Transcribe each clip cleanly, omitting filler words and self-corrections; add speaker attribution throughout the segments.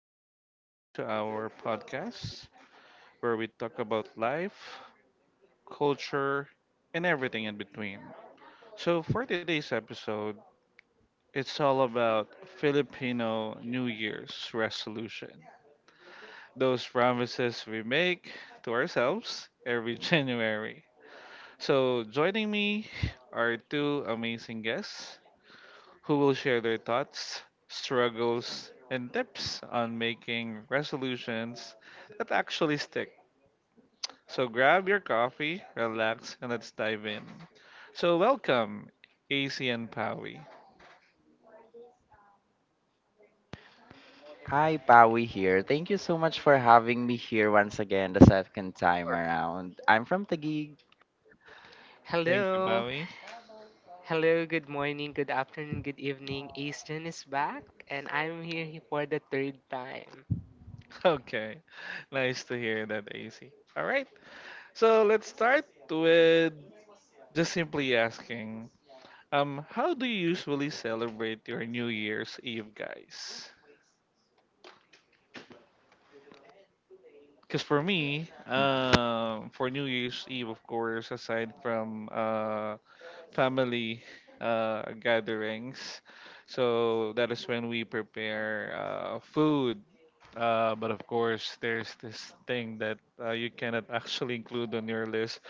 Speaker 1: Welcome again to our podcast where we talk about life, culture, and everything in between. For today's episode, it's all about Filipino New Year's resolution. Those promises we make to ourselves every January. Joining me are two amazing guests. Who will share their thoughts, struggles, and tips on making resolutions that actually stick. So grab your coffee, relax, and let's dive in. So welcome, AC and Pawi.
Speaker 2: Hi, Pawi here. Thank you so much for having me here once again the second time around. I'm from Taguig.
Speaker 1: Thank you,
Speaker 3: Hello,
Speaker 1: Pawi.
Speaker 3: hello, good morning, good afternoon, good evening. Easton is back, and I'm here for the third time.
Speaker 1: Okay, nice to hear that, AC. All right, so let's start with just simply asking, how do you usually celebrate your New Year's Eve, guys? Because for me, for New Year's Eve, of course, aside from family gatherings, so that is when we prepare food. But of course, there's this thing that you cannot actually include on your list,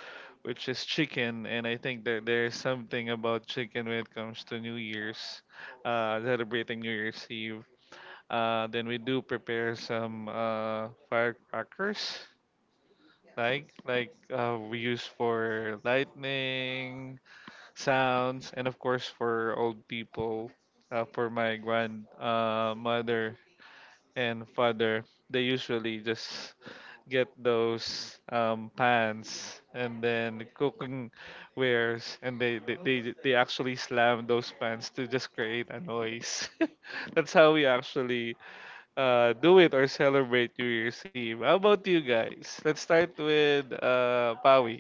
Speaker 1: which is chicken. And I think that there's something about chicken when it comes to New Year's, celebrating New Year's Eve. Then we do prepare some firecrackers like we use for lightning sounds, and of course for old people, for my grand mother and father, they usually just get those pans and then cooking wares, and they actually slam those pans to just create a noise. That's how we actually do it or celebrate New Year's Eve. How about you guys? Let's start with Pawi.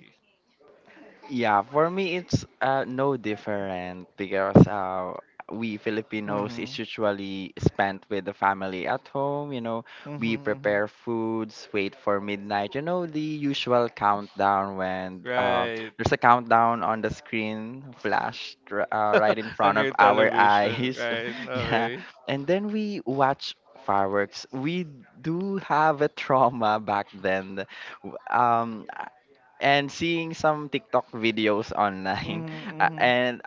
Speaker 2: Yeah, for me it's No different because we Filipinos is
Speaker 1: Mm-hmm.
Speaker 2: usually spent with the family at home. You know,
Speaker 1: Mm-hmm.
Speaker 2: we
Speaker 1: Mm-hmm.
Speaker 2: prepare foods, wait for midnight. You know, the usual countdown when
Speaker 1: Right.
Speaker 2: there's a countdown on the screen flashed right in
Speaker 1: On
Speaker 2: front of
Speaker 1: your
Speaker 2: our
Speaker 1: television,
Speaker 2: eyes.
Speaker 1: right?
Speaker 2: Yeah,
Speaker 1: Okay.
Speaker 2: and then we watch fireworks. We do have a trauma back then. W- and seeing some TikTok videos online,
Speaker 1: Mm-hmm. Mm-hmm.
Speaker 2: and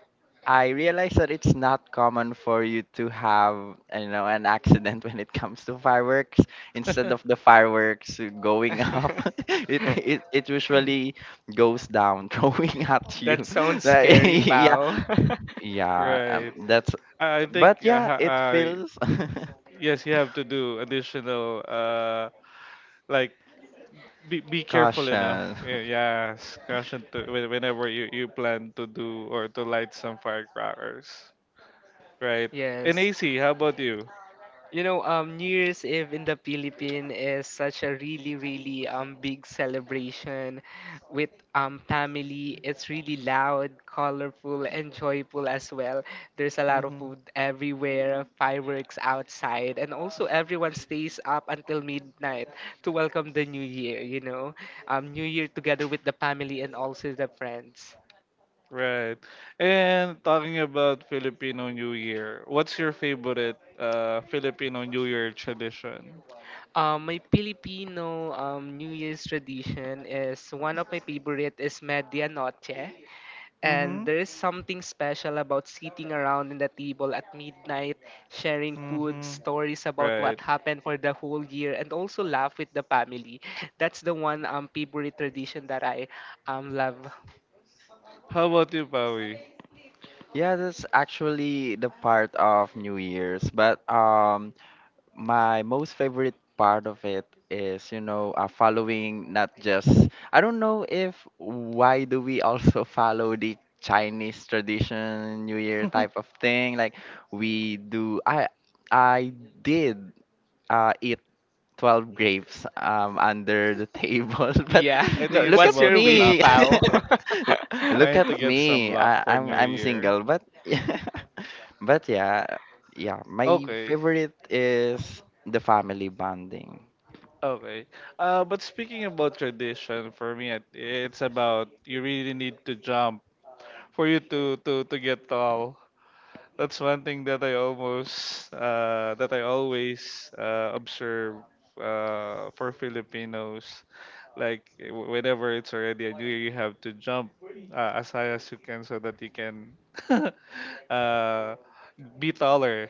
Speaker 2: I realized that it's not common for you to have, you know, an accident when it comes to fireworks. Instead of the fireworks going up, it usually goes down, throwing at you.
Speaker 3: That sounds
Speaker 2: Like,
Speaker 3: scary,
Speaker 2: yeah,
Speaker 3: pal.
Speaker 2: yeah,
Speaker 1: Right.
Speaker 2: that's.
Speaker 1: I I
Speaker 2: But
Speaker 1: think uh,
Speaker 2: yeah,
Speaker 1: ha-
Speaker 2: it
Speaker 1: uh,
Speaker 2: feels
Speaker 1: yes, you have to do additional like be careful enough.
Speaker 2: caution.
Speaker 1: Yeah, yes, caution to whenever you you plan to do or to light some firecrackers. Right. And
Speaker 3: Yes.
Speaker 1: AC, how about you?
Speaker 3: You know, New Year's Eve in the Philippines is such a really big celebration with family. It's really loud, colorful, and joyful as well. There's a lot of food everywhere, fireworks outside, and also everyone stays up until midnight to welcome the new year. New Year together with the family and also the friends.
Speaker 1: Right. And talking about Filipino New Year, what's your favorite Filipino New Year tradition?
Speaker 3: My Filipino New Year's tradition is one of my favorite is Media Noche. And
Speaker 1: Mm-hmm.
Speaker 3: there is something special about sitting around in the table at midnight, sharing food,
Speaker 1: Mm-hmm.
Speaker 3: stories about what
Speaker 1: Right.
Speaker 3: happened for the whole year, and also laugh with the family. That's the one favorite tradition that I love.
Speaker 1: How about you, Pawi?
Speaker 2: Yeah, that's actually the part of New Year's. But my most favorite part of it is, you know, following not just, I don't know if why do we also follow the Chinese tradition, New Year type of thing. Like, we do. I did eat 12 grapes under the table, but
Speaker 3: Yeah.
Speaker 1: I think
Speaker 2: no,
Speaker 1: it's
Speaker 2: look
Speaker 3: What's
Speaker 2: at
Speaker 1: about
Speaker 3: your
Speaker 1: the
Speaker 3: wish,
Speaker 1: luck.
Speaker 2: me.
Speaker 3: Pao?
Speaker 2: Look
Speaker 1: Trying
Speaker 2: at
Speaker 1: to get some
Speaker 2: me. I,
Speaker 1: luck for
Speaker 2: I'm
Speaker 1: New
Speaker 2: I'm
Speaker 1: Year.
Speaker 2: single, but but yeah, yeah, my
Speaker 1: Okay.
Speaker 2: favorite is the family bonding.
Speaker 1: Okay. But speaking about tradition, for me, it's about you really need to jump for you to to get tall. That's one thing that I almost that I always observe for Filipinos. Whenever it's already a new year, you have to jump as high as you can so that you can uh, be taller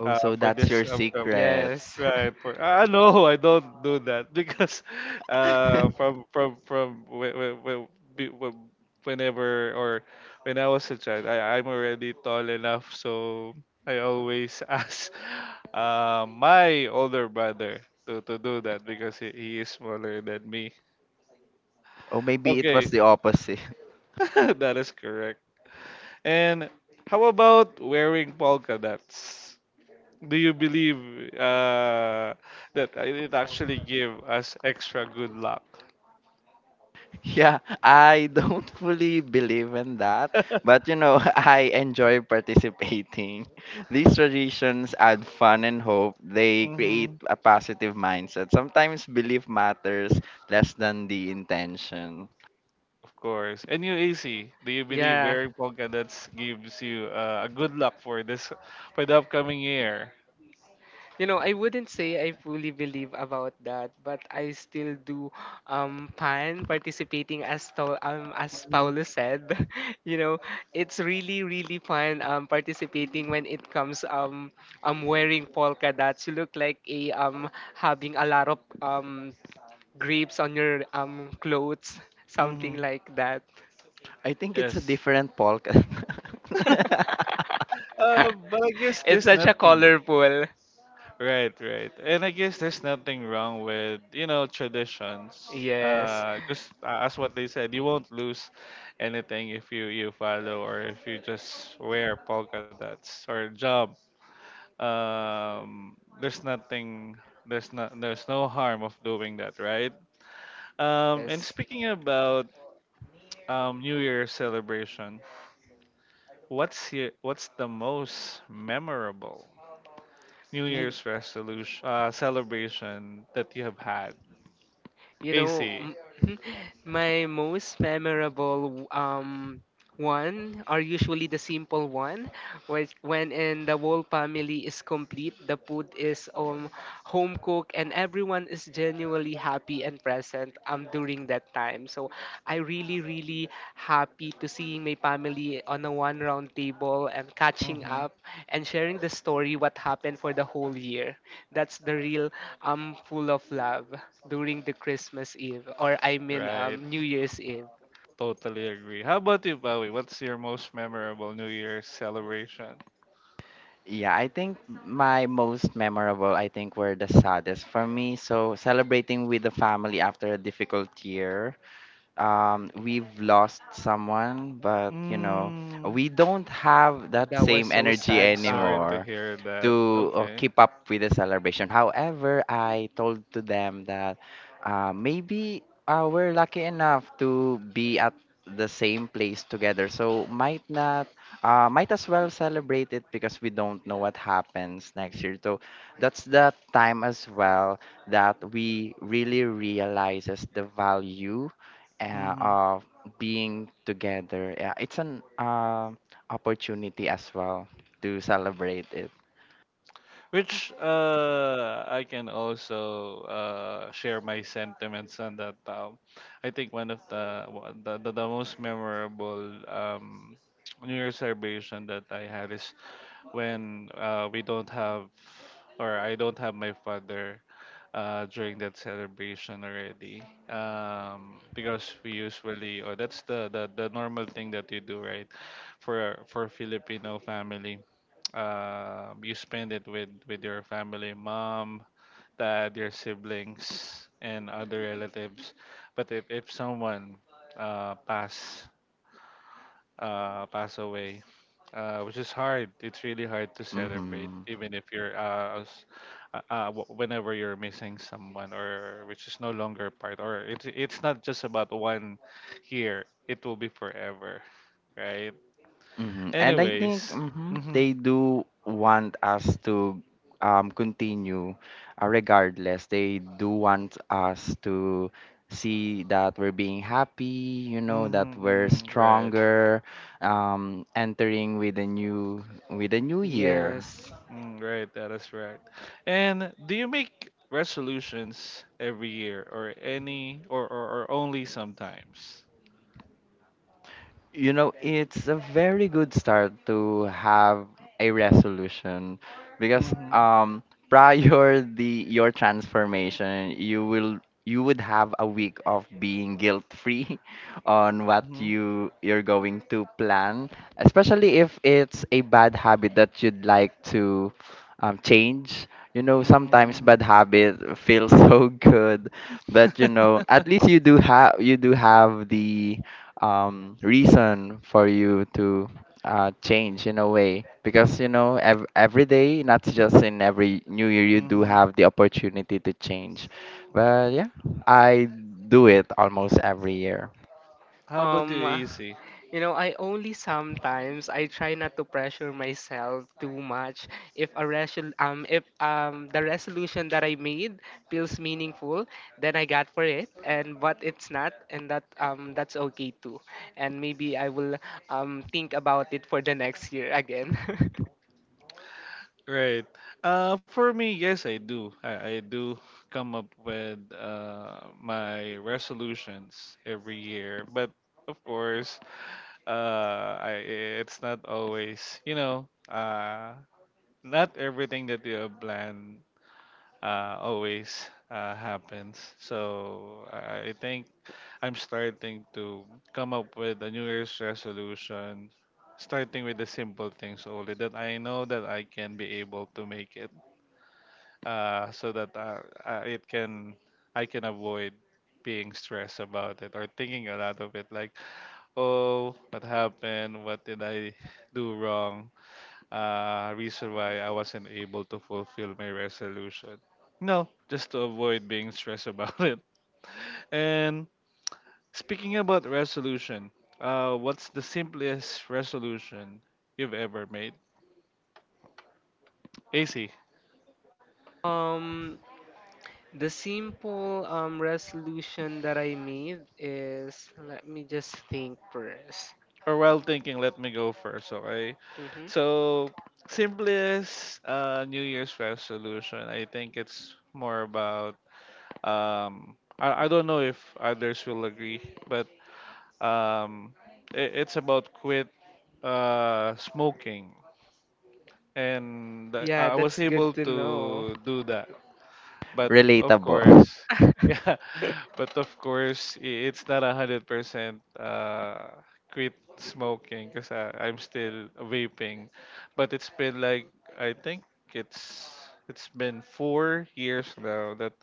Speaker 2: Oh, so
Speaker 1: for
Speaker 2: that's
Speaker 1: this
Speaker 2: your
Speaker 1: upcoming.
Speaker 2: secret.
Speaker 3: Yes.
Speaker 1: Right. For, ah no, I don't do that because from whe- whe- whe- be- whe- whenever or when I was a child, I'm already tall enough, so I always ask my older brother to do that because he is smaller than me.
Speaker 2: Or maybe it was
Speaker 1: Okay,
Speaker 2: the opposite.
Speaker 1: that is correct. And how about wearing polka dots? Do you believe uh, that it actually give us extra good luck?
Speaker 2: Yeah, I don't fully believe in that, but you know, I enjoy participating. These traditions add fun and hope. They create
Speaker 1: Hmm.
Speaker 2: a positive mindset. Sometimes belief matters less than the intention.
Speaker 1: Of course. And you, AC, do you believe
Speaker 3: Yeah.
Speaker 1: wearing polka dots gives you a good luck for this for the upcoming year?
Speaker 3: You know, I wouldn't say I fully believe about that, but I still do plan participating as to, as
Speaker 1: Hmm.
Speaker 3: Paulo said. You know, it's really fun participating when it comes wearing polka dots. You look like a having a lot of grapes on your clothes, something
Speaker 1: Hmm.
Speaker 3: like that.
Speaker 2: I think it's a
Speaker 1: Yes.
Speaker 2: different podcast.
Speaker 1: But I guess
Speaker 3: It's
Speaker 1: there's
Speaker 3: such a
Speaker 1: nothing.
Speaker 3: colorful.
Speaker 1: Right, right. And I guess there's nothing wrong with, you know, traditions.
Speaker 3: Yes.
Speaker 1: Just as what they said, you won't lose anything if you you follow or if you just wear polka dots or jump. There's nothing, there's not, there's no harm of doing that, right? And
Speaker 3: Yes.
Speaker 1: speaking about New Year celebration, what's the most memorable New
Speaker 3: You,
Speaker 1: Year's resolution celebration that you have had?
Speaker 3: You know,
Speaker 1: AC.
Speaker 3: m- my most memorable one are usually the simple one, which when in the whole family is complete, the food is home cooked and everyone is genuinely happy and present during that time. So I really happy to seeing my family on a one round table and catching
Speaker 1: Mm-hmm.
Speaker 3: up and sharing the story what happened for the whole year. That's the real I'm full of love during the Christmas Eve, or I mean,
Speaker 1: Right.
Speaker 3: New Year's Eve.
Speaker 1: Totally agree. How about you, Bowie? What's your most memorable New Year's celebration?
Speaker 2: Yeah, I think my most memorable, I think, were the saddest for me. So celebrating with the family after a difficult year, we've lost someone, but you know,
Speaker 1: Mm-hmm.
Speaker 2: we don't have that
Speaker 3: That was
Speaker 2: same
Speaker 3: so
Speaker 2: energy
Speaker 3: sad,
Speaker 1: Sorry
Speaker 3: pal.
Speaker 1: to
Speaker 2: anymore
Speaker 1: hear that.
Speaker 2: to
Speaker 1: Okay.
Speaker 2: keep up with the celebration. However, I told to them that maybe we're lucky enough to be at the same place together, so might not might as well celebrate it because we don't know what happens next year. So that's the time as well that we really realizes the value
Speaker 1: Mm-hmm.
Speaker 2: of being together. Yeah, it's an opportunity as well to celebrate it.
Speaker 1: Which I can also share my sentiments on that. I think one of the, the most memorable New Year's celebration that I had is when we don't have or I don't have my father during that celebration already, because we usually, or that's the normal thing that you do, right, for Filipino family. You spend it with your family, mom, dad, your siblings, and other relatives. But if someone uh, pass pass away, which is hard, it's really hard to celebrate,
Speaker 2: Mhm,
Speaker 1: even if you're whenever you're missing someone or which is no longer part, or it's not just about one year. It will be forever, right?
Speaker 2: mhm. And I think
Speaker 1: Anyways.
Speaker 2: mhm,
Speaker 1: Mm-hmm,
Speaker 2: they do want us to continue regardless. They do want us to see that we're being happy, you know, that
Speaker 1: mm-hmm,
Speaker 2: we're
Speaker 1: mm-hmm, right.
Speaker 2: stronger, entering with a new year.
Speaker 3: Yes.
Speaker 1: Mm, right, that is right. And do you make resolutions every year or or only sometimes?
Speaker 2: You know, it's a very good start to have a resolution because
Speaker 1: Mhm.
Speaker 2: prior the your transformation, you would have a week of being guilt free on what
Speaker 1: Mhm.
Speaker 2: you're going to plan, especially if it's a bad habit that you'd like to change. You know,
Speaker 1: Mhm.
Speaker 2: sometimes bad
Speaker 1: Mhm.
Speaker 2: habit feels so good, but you
Speaker 1: Mhm.
Speaker 2: know, at least you do have the reason for you to change in a way because you know every day, not just in every new year, you do have the opportunity to change. But yeah, I do it almost every year.
Speaker 1: How about you,
Speaker 3: Um,
Speaker 1: AC?
Speaker 3: you know, I only sometimes I try not to pressure myself too much. If the resolution that I made feels meaningful, then I got for it. And but it's not, and that that's okay too. And maybe I will think about it for the next year again.
Speaker 1: Right. For me, yes, I do. I do come up with my resolutions every year, but of course, uh, I, it's not always, you know, not everything that you have planned always happens. So I think I'm starting to come up with a New Year's resolution, starting with the simple things only that I know that I can be able to make it, so that it can I can avoid being stressed about it or thinking a lot of it like oh what happened what did I do wrong, reason why I wasn't able to fulfill my resolution. No, just to avoid being stressed about it. And speaking about resolution, what's the simplest resolution you've ever made? AC,
Speaker 3: um The simple resolution that I made is let me just think first.
Speaker 1: or while thinking, let me go first, okay?
Speaker 3: Hmm.
Speaker 1: So, simplest New Year's resolution, I think it's more about, I don't know if others will agree, but um, it's about quit smoking, and
Speaker 3: Yeah,
Speaker 1: I was
Speaker 3: that's
Speaker 1: able
Speaker 3: good to know.
Speaker 1: to do that. But of
Speaker 2: Relatable.
Speaker 1: course, yeah, but of course, it's not 100% quit smoking because I'm still vaping. But it's been like I think it's it's been 4 years now that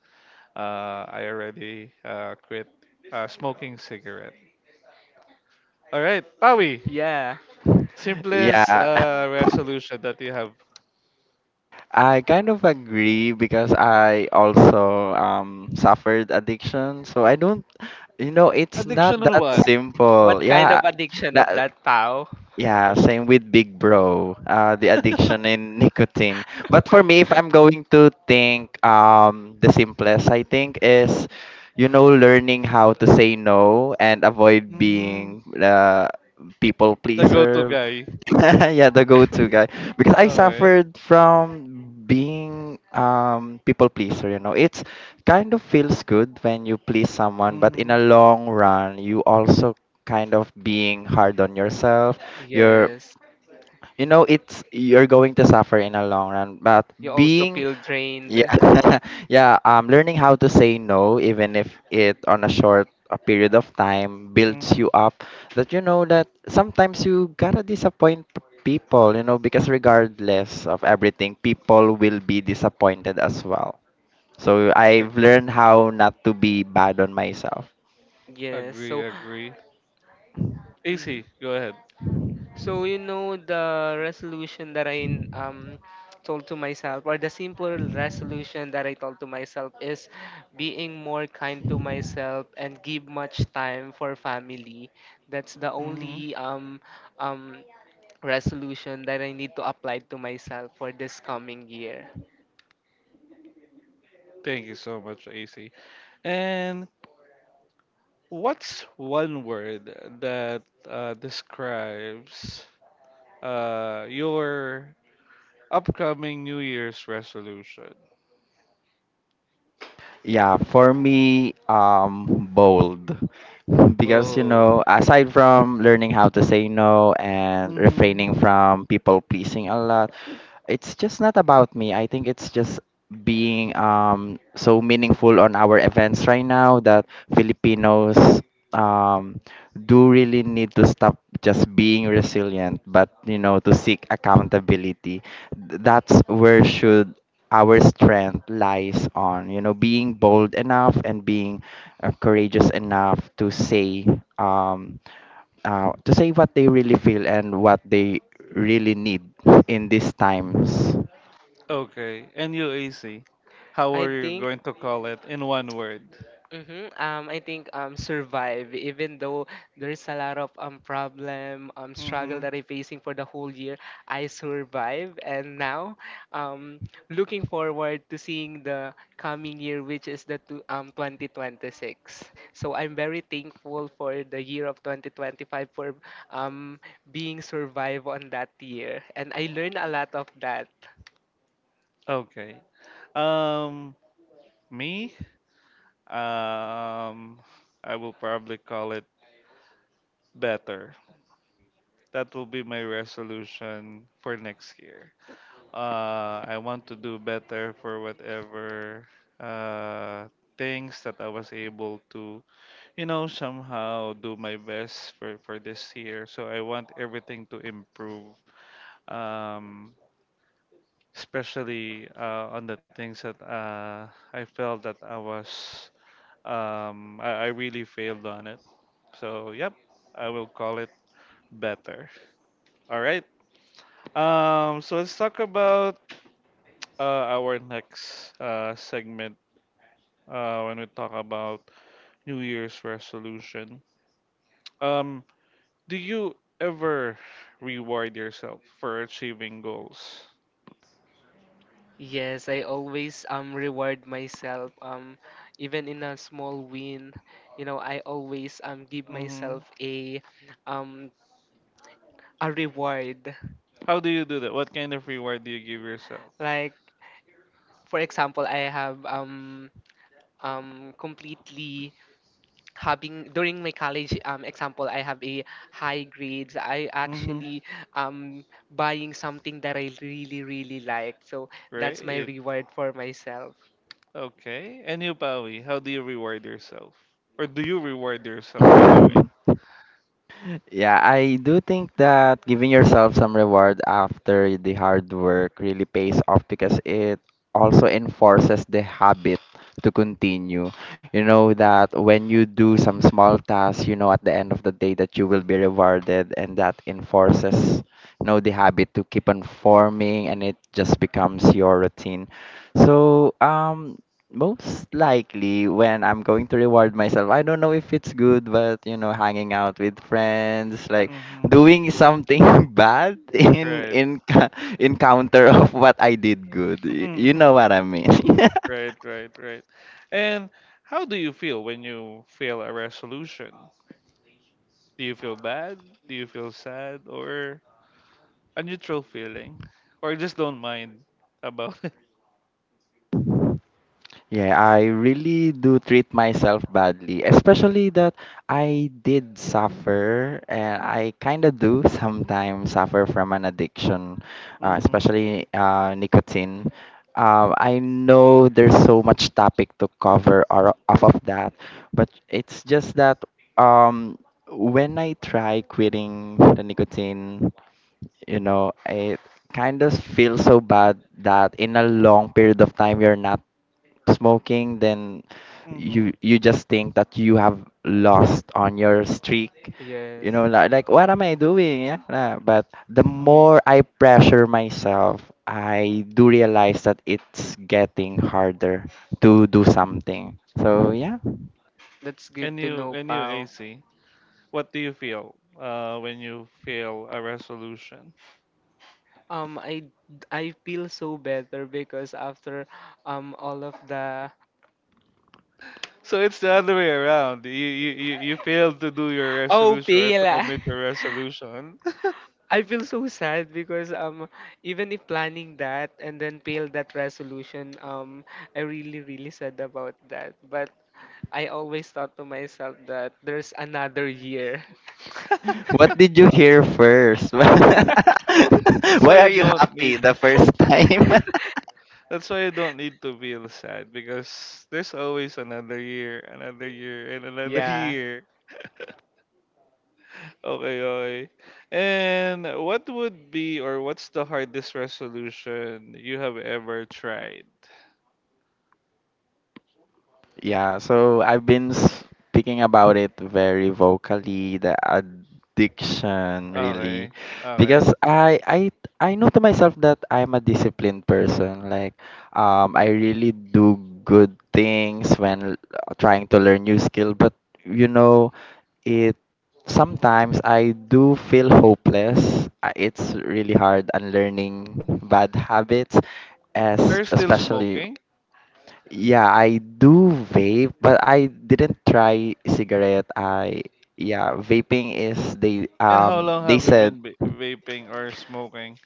Speaker 1: I already quit smoking cigarette. All right, Pawi,
Speaker 3: Yeah.
Speaker 1: simplest
Speaker 2: Yeah,
Speaker 1: resolution that you have.
Speaker 2: I kind of agree because I also suffered addiction, so I don't, you know, it's not
Speaker 1: Addiction on
Speaker 2: that
Speaker 1: what?
Speaker 2: simple.
Speaker 3: What kind
Speaker 2: Yeah,
Speaker 3: of addiction of
Speaker 2: that.
Speaker 3: that, pow?
Speaker 2: Yeah, same with Big Bro, the addiction in nicotine. But for me, if I'm going to think, the simplest I think is, you know, learning how to say no and avoid
Speaker 1: Mhm.
Speaker 2: being people
Speaker 1: The go-to
Speaker 2: pleaser.
Speaker 1: guy.
Speaker 2: Yeah, the go-to guy. Because I
Speaker 1: Okay.
Speaker 2: suffered from being people pleaser, you know. It's kind of feels good when you please someone, but in a
Speaker 1: Mhm.
Speaker 2: long run, you also kind of being hard on yourself. You're
Speaker 3: Yes.
Speaker 2: you know, it's you're going to suffer in a long run, but
Speaker 3: You also
Speaker 2: being
Speaker 3: feel drained.
Speaker 2: yeah, yeah. Learning how to say no, even if it on a short period of time, builds
Speaker 1: Mhm.
Speaker 2: you up. That you know that sometimes you gotta disappoint people, you know, because regardless of everything, people will be disappointed as well. So
Speaker 1: Ag-
Speaker 2: I've learned how not to be bad on myself.
Speaker 3: Yes.
Speaker 1: agree,
Speaker 3: So,
Speaker 1: agree.
Speaker 3: mhm.
Speaker 1: AC, go ahead.
Speaker 3: So you know the resolution that I told to myself or the simple resolution that I told to myself is being more kind to myself and give much time for family. That's the
Speaker 1: Mhm.
Speaker 3: only um resolution that I need to apply to myself for this coming year.
Speaker 1: Thank you so much, AC. And what's one word that describes your upcoming New Year's resolution?
Speaker 2: Yeah, for me, bold. Because, you
Speaker 1: Bold.
Speaker 2: know, aside from learning how to say no and
Speaker 1: Mhm.
Speaker 2: refraining from people pleasing a lot, it's just not about me. I think it's just being so meaningful on our events right now that Filipinos um, do really need to stop just being resilient, but, you know, to seek accountability. That's where should our strength lies on, you know, being bold enough and being courageous enough um, to say what they really feel and what they really need in these times.
Speaker 1: Okay. And you, AC, how
Speaker 3: I
Speaker 1: are you
Speaker 3: think.
Speaker 1: going to call it in one word?
Speaker 3: Mm-hmm. I think survive even though there's a lot of problem struggle
Speaker 1: Mhm.
Speaker 3: that I'm facing for the whole year. I survive and now um looking forward to seeing the coming year, which is the 2026. So I'm very thankful for the year of 2025 for um being survive on that year, and I learned a lot of that.
Speaker 1: Okay. Um, me, um, I will probably call it better. That will be my resolution for next year. I want to do better for whatever uh, things that I was able to, you know, somehow do my best for this year. So I want everything to improve, um, especially on the things that I felt that I was. I really failed on it. So, yep, I will call it better. All right. So let's talk about our next segment when we talk about New Year's resolution. Um, do you ever reward yourself for achieving goals?
Speaker 3: Yes, I always reward myself even in a small win. You know, I always give
Speaker 1: Mm-hmm.
Speaker 3: myself um a reward.
Speaker 1: How do you do that? What kind of reward do you give yourself?
Speaker 3: Like for example, I have completely having during my college example I have a high grades. I
Speaker 1: Mm-hmm.
Speaker 3: actually um buying something that I really like. So that's my
Speaker 1: Great.
Speaker 3: reward for myself.
Speaker 1: Okay. And you, Pawi, how do you reward yourself? Or do you reward yourself anyway?
Speaker 2: Yeah, I do think that giving yourself some reward after the hard work really pays off because it also enforces the habit to continue. You know that when you do some small tasks, you know at the end of the day that you will be rewarded, and that enforces, you know, the habit to keep on forming, and it just becomes your routine. So most likely when I'm going to reward myself. I don't know if it's good, but you know, hanging out with friends, like
Speaker 1: Mm-hmm.
Speaker 2: doing something bad in
Speaker 1: Right.
Speaker 2: in counter of what I did good. You know what I mean?
Speaker 1: Right, right, right. And how do you feel when you fail a resolution? Do you feel bad? Do you feel sad or a neutral feeling? Or just don't mind about it?
Speaker 2: Yeah, I really do treat myself badly, especially that I did suffer, and I kind of do sometimes suffer from an addiction, uh,
Speaker 1: Mm-hmm.
Speaker 2: especially uh, nicotine. I know there's so much topic to cover or off of that, but it's just that um, when I try quitting the nicotine, you know, it kind of feels so bad that in a long period of time you're not smoking, then you
Speaker 1: Mm-hmm.
Speaker 2: you just think that you have lost on your streak.
Speaker 3: Yes.
Speaker 2: You know, like what am I doing? Yeah, nah. But the
Speaker 1: Mm.
Speaker 2: more I pressure myself, I do realize that it's getting harder to do something. So yeah,
Speaker 3: That's
Speaker 1: And
Speaker 3: good to
Speaker 1: you
Speaker 3: know,
Speaker 1: and you
Speaker 3: Pao.
Speaker 1: AC, what do you feel when you fail a resolution?
Speaker 3: I I feel so better because after all of the
Speaker 1: So it's the other way around. You failed to do your
Speaker 3: oh
Speaker 1: resolution or to
Speaker 3: pila.
Speaker 1: commit your resolution.
Speaker 3: I feel so sad because even if planning that and then fail that resolution, I really really sad about that. But I always thought to myself that there's another year.
Speaker 2: what did you hear first?
Speaker 1: That's
Speaker 2: Why
Speaker 1: why
Speaker 2: are
Speaker 1: you
Speaker 2: you
Speaker 1: don't
Speaker 2: happy
Speaker 1: need.
Speaker 2: the first time?
Speaker 1: That's why you don't need to feel sad because there's always another year, and another
Speaker 3: Yeah.
Speaker 1: year. Okay, okay. And what would be or what's the hardest resolution you have ever tried?
Speaker 2: Yeah, so I've been speaking about it very vocally, the addiction really,
Speaker 1: Okay, okay.
Speaker 2: because I know to myself that I'm a disciplined person. Like, I really do good things when trying to learn new skill, but you know, it sometimes I do feel
Speaker 1: Mhm.
Speaker 2: hopeless. It's really hard unlearning bad habits as
Speaker 1: Are you still
Speaker 2: especially
Speaker 1: smoking?
Speaker 2: yeah, I do vape, but I didn't try cigarette. I yeah, vaping is
Speaker 1: And how long
Speaker 2: they
Speaker 1: have you
Speaker 2: said
Speaker 1: been vaping or smoking?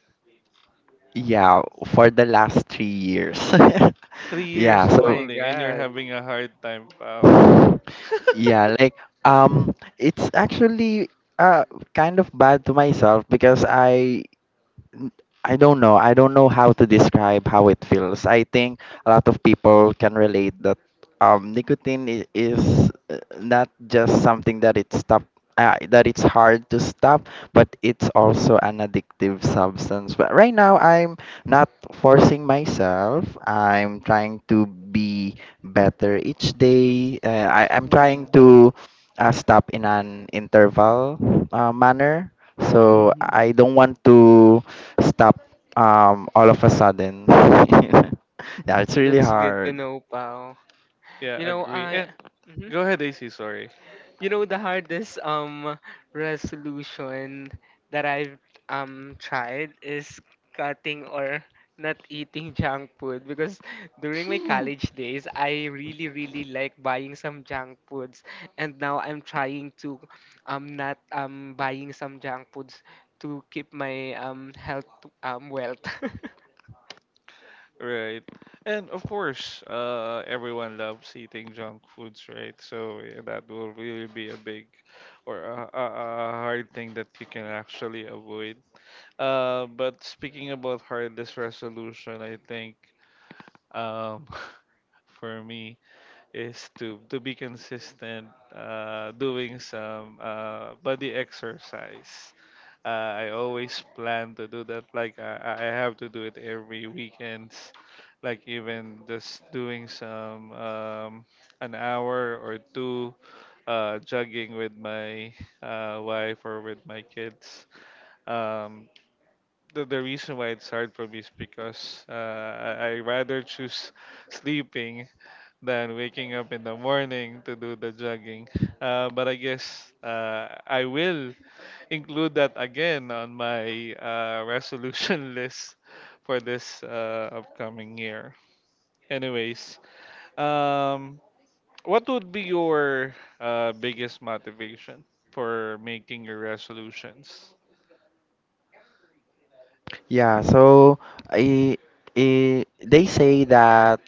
Speaker 2: yeah, for the last 3 years.
Speaker 1: Three
Speaker 2: Yeah,
Speaker 1: years
Speaker 3: Oh
Speaker 2: so
Speaker 3: my
Speaker 1: only, and you're
Speaker 3: God,
Speaker 1: having a hard time, pal.
Speaker 2: yeah, like it's actually uh kind of bad to myself because I n- I don't know. I don't know how to describe how it feels. I think a lot of people can relate that nicotine is not just something that it stop that it's hard to stop, but it's also an addictive substance. But right now, I'm not forcing myself. I'm trying to be better each day. I'm trying
Speaker 1: Hmm.
Speaker 2: to stop in an interval manner, so
Speaker 1: Hmm.
Speaker 2: I don't want to stop all of a sudden. Yeah, it's really
Speaker 3: that's good to
Speaker 2: hard.
Speaker 3: know, Pao.
Speaker 1: Yeah,
Speaker 3: You know
Speaker 1: agree.
Speaker 3: I.
Speaker 1: And
Speaker 3: Mhm.
Speaker 1: go ahead, AC. Sorry.
Speaker 3: You know the hardest resolution that I've tried is cutting or not eating junk food because during my college days I really really like buying some junk foods and now I'm trying to not buying some junk foods to keep my health wealth.
Speaker 1: Right. And of course, everyone loves eating junk foods, right? So yeah, that will really be a big or a hard thing that you can actually avoid. But speaking about hardest resolution, I think um, for me. Is to be consistent doing some body exercise. I always plan to do that. Like I have to do it every weekends. Like even just doing some an hour or two jogging with my wife or with my kids. Um, the reason why it's hard for me is because I rather choose sleeping than waking up in the morning to do the jogging. But I guess I will include that again on my resolution list for this upcoming year. Anyways, um, what would be your biggest motivation for making your resolutions?
Speaker 2: Yeah, so I, I they say that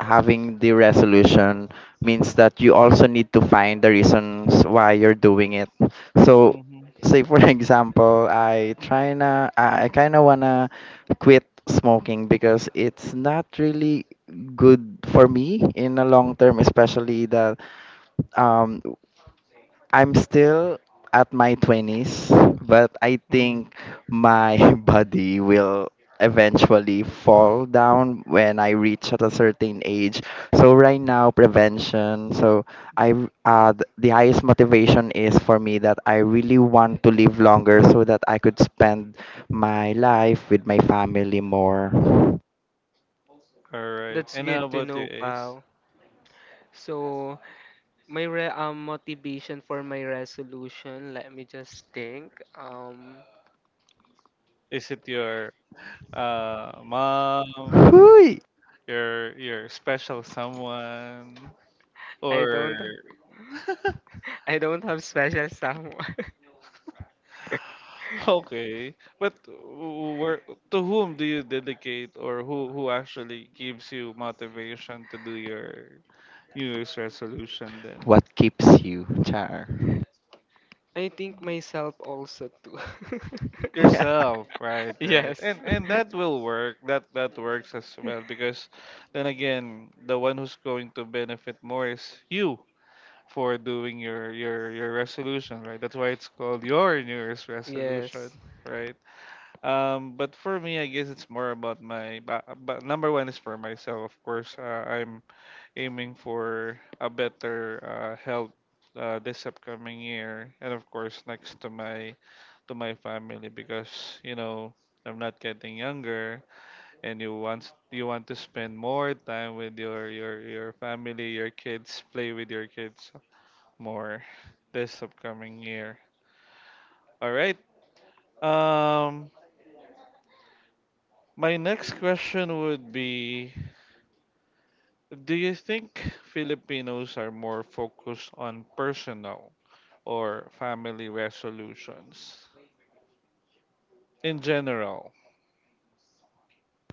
Speaker 2: having the resolution means that you also need to find the reasons why you're doing it. So
Speaker 1: Mm-hmm.
Speaker 2: say for example, I try na I kind of wanna quit smoking because it's not really good for me in the long term, especially that um I'm still at my 20s, but I
Speaker 1: Mm-hmm.
Speaker 2: think my body will eventually fall down when I reach at a certain age. So right now prevention. So the highest motivation is for me that I really want to live longer so that I could spend my life with my family more.
Speaker 1: All right.
Speaker 3: That's
Speaker 1: And how
Speaker 3: good to
Speaker 1: about you,
Speaker 3: know,
Speaker 1: Ace?
Speaker 3: pal. So my re motivation for my resolution, let me just think.
Speaker 1: Is it your mom,
Speaker 2: Hui!
Speaker 1: your special someone
Speaker 3: I
Speaker 1: or
Speaker 3: don't. I don't have special someone.
Speaker 1: okay where to whom do you dedicate or who actually gives you motivation to do your new year's resolution then?
Speaker 2: What keeps you, Char?
Speaker 3: I think myself also too.
Speaker 1: Yourself, right, right,
Speaker 3: Yes.
Speaker 1: and that will work, that works as well, because then again the one who's going to benefit more is you for doing your resolution, right? That's why it's called your new year's resolution,
Speaker 3: Yes.
Speaker 1: right? But for me, I guess it's more about my. But number one is for myself, of course. I'm aiming for a better health this upcoming year, and of course next to my family because you know I'm not getting younger, and you want to spend more time with your family, your kids, play with your kids more this upcoming year. All right. Um, my next question would be, do you think Filipinos are more focused on personal or family resolutions in general?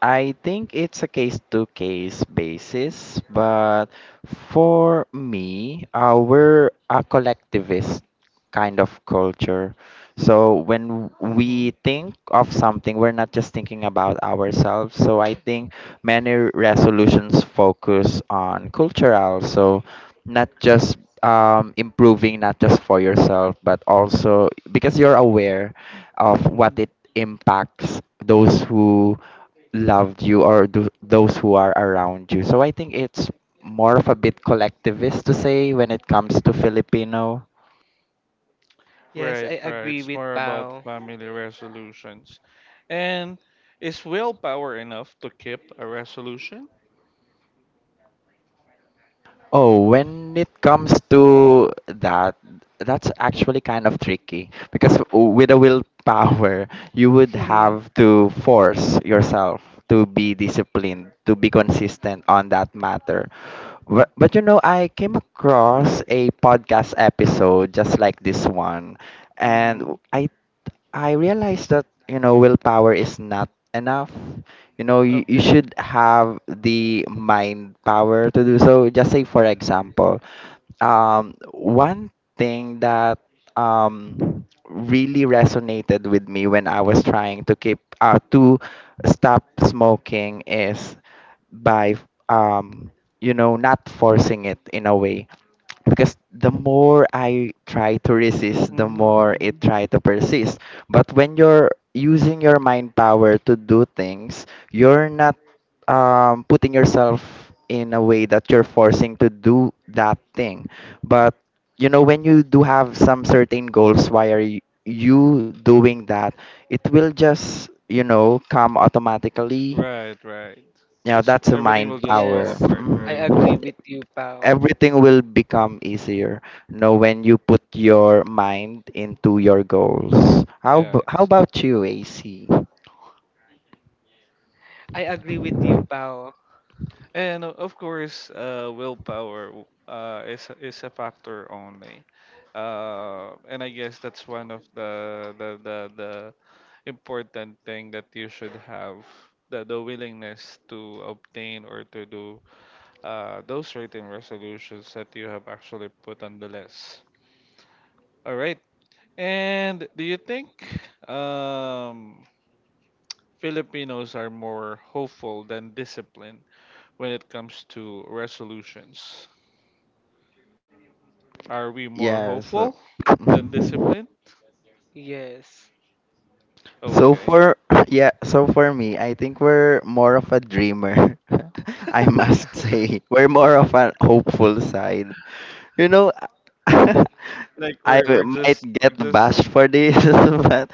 Speaker 2: I think it's a case to case basis, but for me, we're a collectivist kind of culture. So when
Speaker 1: Mm-hmm.
Speaker 2: we think of something, we're not just thinking about ourselves. So I think many resolutions focus on cultural, so not just improving, not just for yourself, but also because you're aware of what
Speaker 1: Mm-hmm.
Speaker 2: it impacts those who loved you or those who are around you. So I think it's more of a bit collectivist to say when it comes to Filipino.
Speaker 3: Yes,
Speaker 1: Right,
Speaker 3: I
Speaker 1: right.
Speaker 3: agree
Speaker 1: It's
Speaker 3: with
Speaker 1: more about
Speaker 3: Pao.
Speaker 1: family resolutions. And is willpower enough to keep a resolution?
Speaker 2: Oh, when it comes to that, that's actually kind of tricky because with a willpower, you would have to force yourself to be disciplined, to be consistent on that matter. But you know, I came across a podcast episode just like this one, and
Speaker 1: Mm-hmm.
Speaker 2: I realized that you know willpower is not enough. You
Speaker 1: Okay.
Speaker 2: should have the mind power to do so. Just say for example, one thing that really resonated with me when I was trying to keep to stop smoking is by um, you know, not forcing it in a way because the more I try to resist, the
Speaker 1: Mm-hmm.
Speaker 2: more
Speaker 1: Mm-hmm.
Speaker 2: it try to persist. But when you're using your mind power to do things, you're not putting yourself in a way that you're forcing to do that thing. But you know, when you do have some certain goals, why are you doing that? It will just you know come automatically.
Speaker 1: Right, right. You
Speaker 2: You know,
Speaker 1: just
Speaker 2: that's a
Speaker 1: everything will
Speaker 2: mind
Speaker 1: just fall
Speaker 2: power.
Speaker 3: Yes.
Speaker 1: apart,
Speaker 3: I
Speaker 2: Mm,
Speaker 1: right?
Speaker 3: agree with you, Pao.
Speaker 2: everything will become easier, you know, when you put your mind into your goals. how ab-
Speaker 1: Yeah,
Speaker 2: how about you, AC?
Speaker 3: I agree with you, Pao.
Speaker 1: and of course, willpower is a factor only, and I guess that's one of the important thing that you should have the willingness to obtain or to do those written resolutions that you have actually put on the list. All right. And do you think um, Filipinos are more hopeful than disciplined when it comes to resolutions? Are we more
Speaker 2: Yeah, so
Speaker 1: hopeful than
Speaker 2: mhm.
Speaker 1: disciplined?
Speaker 3: Yes.
Speaker 2: So
Speaker 1: Okay.
Speaker 2: for yeah, so for me, I think we're more of a dreamer. I must say we're more of an hopeful side. You know,
Speaker 1: Like
Speaker 2: I might get
Speaker 1: we're just
Speaker 2: bashed for this,
Speaker 1: hmm
Speaker 2: but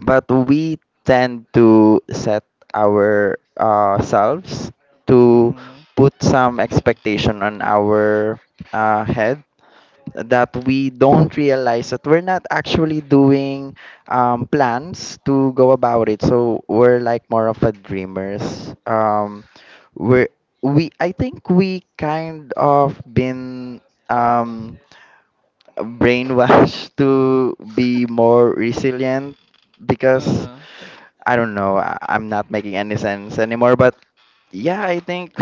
Speaker 2: but we tend to set our selves to
Speaker 1: hmm
Speaker 2: put some expectation on our head that we don't realize that we're not actually doing plans to go about it. So we're like more of a dreamers. We're we I think we kind of been um, brainwashed to be more resilient because
Speaker 1: uh-huh.
Speaker 2: I don't know, I'm not making any sense anymore. But yeah, I think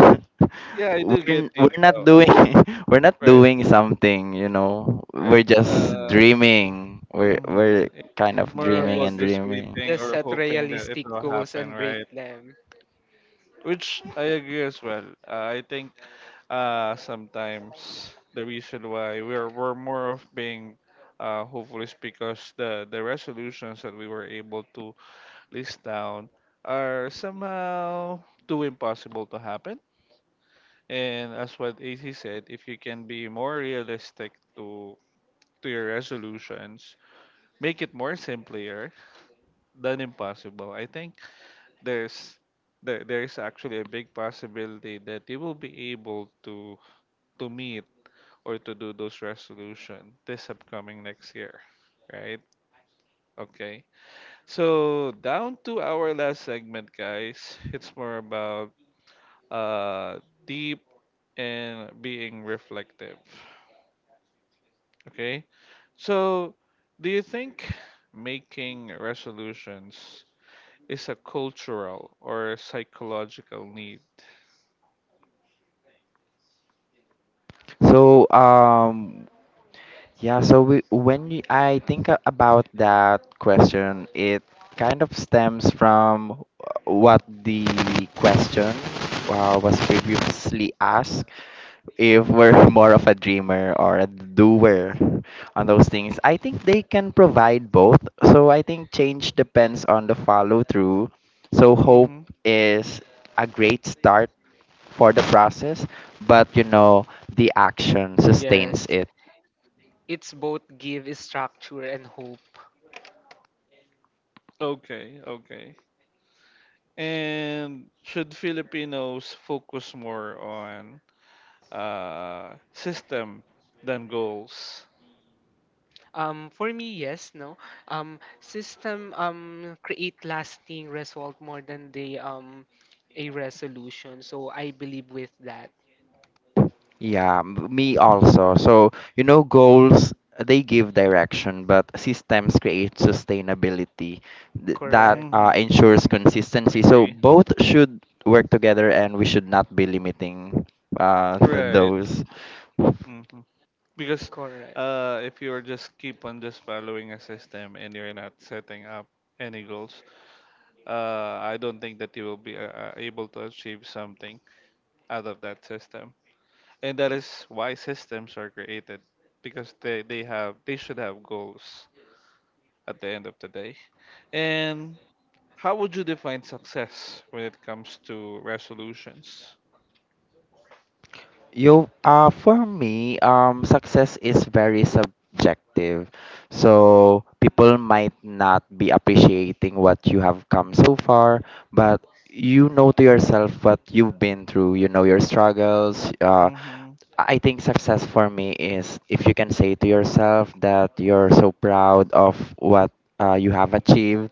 Speaker 1: Yeah, I do get you,
Speaker 2: we're not
Speaker 1: Pao.
Speaker 2: doing we're not
Speaker 1: Right,
Speaker 2: doing something, you know.
Speaker 1: right.
Speaker 2: We're just dreaming. We're
Speaker 1: Hmm
Speaker 2: we're
Speaker 1: It's
Speaker 2: kind of
Speaker 1: more
Speaker 2: dreaming and
Speaker 1: about
Speaker 3: Yes.
Speaker 1: just
Speaker 2: dreaming.
Speaker 1: waiting
Speaker 3: Just
Speaker 1: or
Speaker 3: set
Speaker 1: hoping that it
Speaker 3: realistic
Speaker 1: will
Speaker 3: goals
Speaker 1: happen,
Speaker 3: and break
Speaker 1: right?
Speaker 3: them.
Speaker 1: Which I agree as well. I think sometimes the reason why we're more of being hopeful is because the resolutions that we were able to placed down are somehow too impossible to happen. And as what AC said, if you can be more realistic to to your resolutions, make it more simpler than impossible. I think there's there is actually a big possibility that you will be able to meet or to do those resolution this upcoming next year, right? Okay. So down to our last segment, guys. It's more about uh, deep, and being reflective. Okay? So, do you think making resolutions is a cultural or a psychological need?
Speaker 2: So yeah, so I think about that question, it kind of stems from what the question was previously asked, if we're more of a dreamer or a doer on those things. I think they can provide both. So I think change depends on the follow through. So hope
Speaker 1: Mm-hmm.
Speaker 2: is a great start for the process, but you know, the action
Speaker 3: Yes.
Speaker 2: sustains it.
Speaker 3: It's both give structure and hope.
Speaker 1: Okay, okay. And should Filipinos focus more on system than goals?
Speaker 3: For me, yes, no. System create lasting result more than the a resolution. So I believe with that.
Speaker 2: Yeah, me also. So, you know, goals, they give direction, but systems create sustainability. That
Speaker 3: Correct,
Speaker 1: Mm-hmm,
Speaker 2: ensures
Speaker 1: mm-hmm.
Speaker 2: consistency. So,
Speaker 1: Agree.
Speaker 2: both should work together and we should not be limiting uh,
Speaker 1: Right.
Speaker 2: those.
Speaker 1: Mm-hmm. Because
Speaker 3: correct.
Speaker 1: if you're just keep on just following a system and you're not setting up any goals, I don't think that you will be able to achieve something out of that system. And that is why systems are created because they should have goals at the end of the day. And how would you define success when it comes to resolutions?
Speaker 2: You for me, success is very subjective. So people might not be appreciating what you have come so far, but you know to yourself what you've been through. You know your struggles.
Speaker 1: Mm-hmm.
Speaker 2: I think success for me is if you can say to yourself that you're so proud of what you have achieved,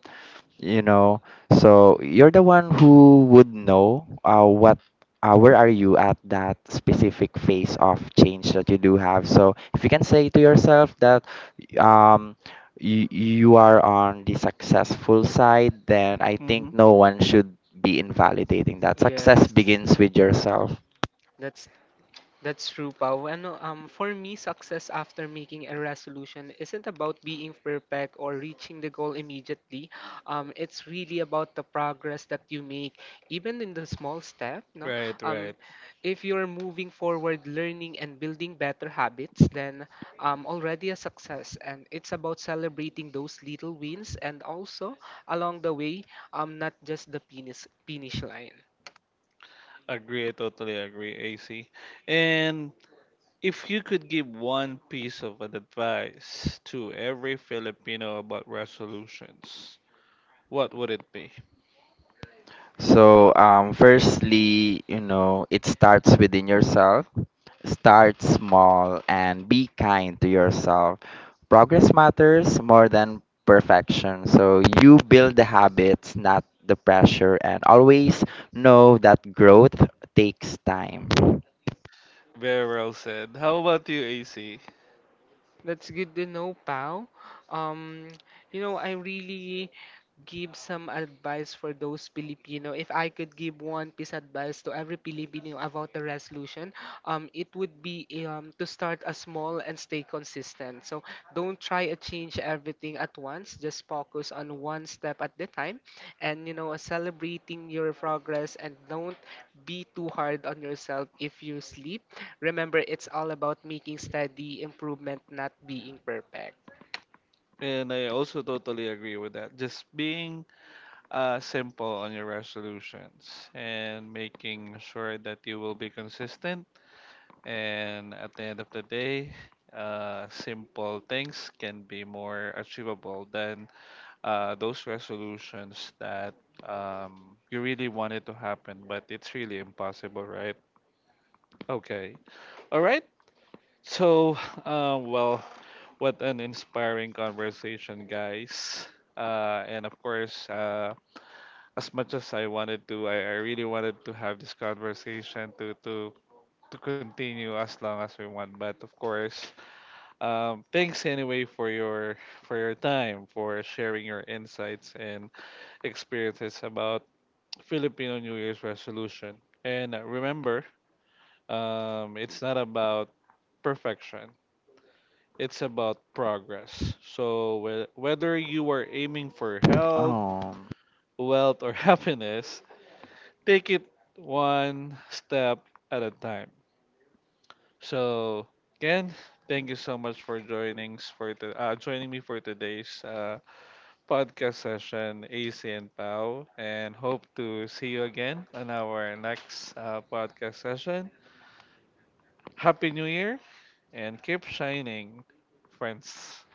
Speaker 2: you know, so you're the one who would know what where are you at that specific phase of change that you do have. So if you can say to yourself that um you are on the successful side, then I
Speaker 1: Mm-hmm.
Speaker 2: think no one should be invalidating that. Success
Speaker 3: Yes,
Speaker 2: begins with yourself.
Speaker 3: that's That's true, Pau. Ano, for me, success after making a resolution isn't about being perfect or reaching the goal immediately. It's really about the progress that you make, even in the small step. No,
Speaker 1: Right, right.
Speaker 3: um, if you're moving forward, learning and building better habits, then already a success. And it's about celebrating those little wins and also along the way, not just the finish line.
Speaker 1: Agree, I totally agree, AC. And if you could give one piece of advice to every Filipino about resolutions, what would it be?
Speaker 2: So firstly, you know, it starts within yourself. Start small and be kind to yourself. Progress matters more than perfection. So you build the habits, not the pressure, and always know that growth takes time.
Speaker 1: Very well said. How about you, AC?
Speaker 3: That's good to know, pal. Um, you know, I really give some advice for those Filipino. If I could give one piece advice to every Filipino about the resolution, it would be to start a small and stay consistent. So don't try to change everything at once. Just focus on one step at the time, and you know, celebrating your progress. And don't be too hard on yourself if you sleep. Remember, it's all about making steady improvement, not being perfect.
Speaker 1: And I also totally agree with that. Just being simple on your resolutions and making sure that you will be consistent. And at the end of the day, simple things can be more achievable than those resolutions that you really wanted to happen, but it's really impossible, right? Okay. All right. So, uh, well, what an inspiring conversation, guys. And of course, as much as I wanted to, I really wanted to have this conversation to continue as long as we want. But of course, thanks anyway for your time, for sharing your insights and experiences about Filipino New Year's resolution. And remember, it's not about perfection. It's about progress. So whether you are aiming for health,
Speaker 2: Oh,
Speaker 1: wealth, or happiness, take it one step at a time. So again, thank you so much for joining for the, joining me for today's podcast session, AC and Pau, and hope to see you again on our next podcast session. Happy New Year and keep shining, friends.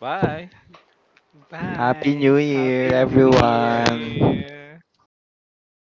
Speaker 1: Bye.
Speaker 2: Happy
Speaker 3: Bye.
Speaker 2: New Year,
Speaker 3: Happy New
Speaker 1: Happy New
Speaker 3: Year.
Speaker 2: everyone!
Speaker 1: Year.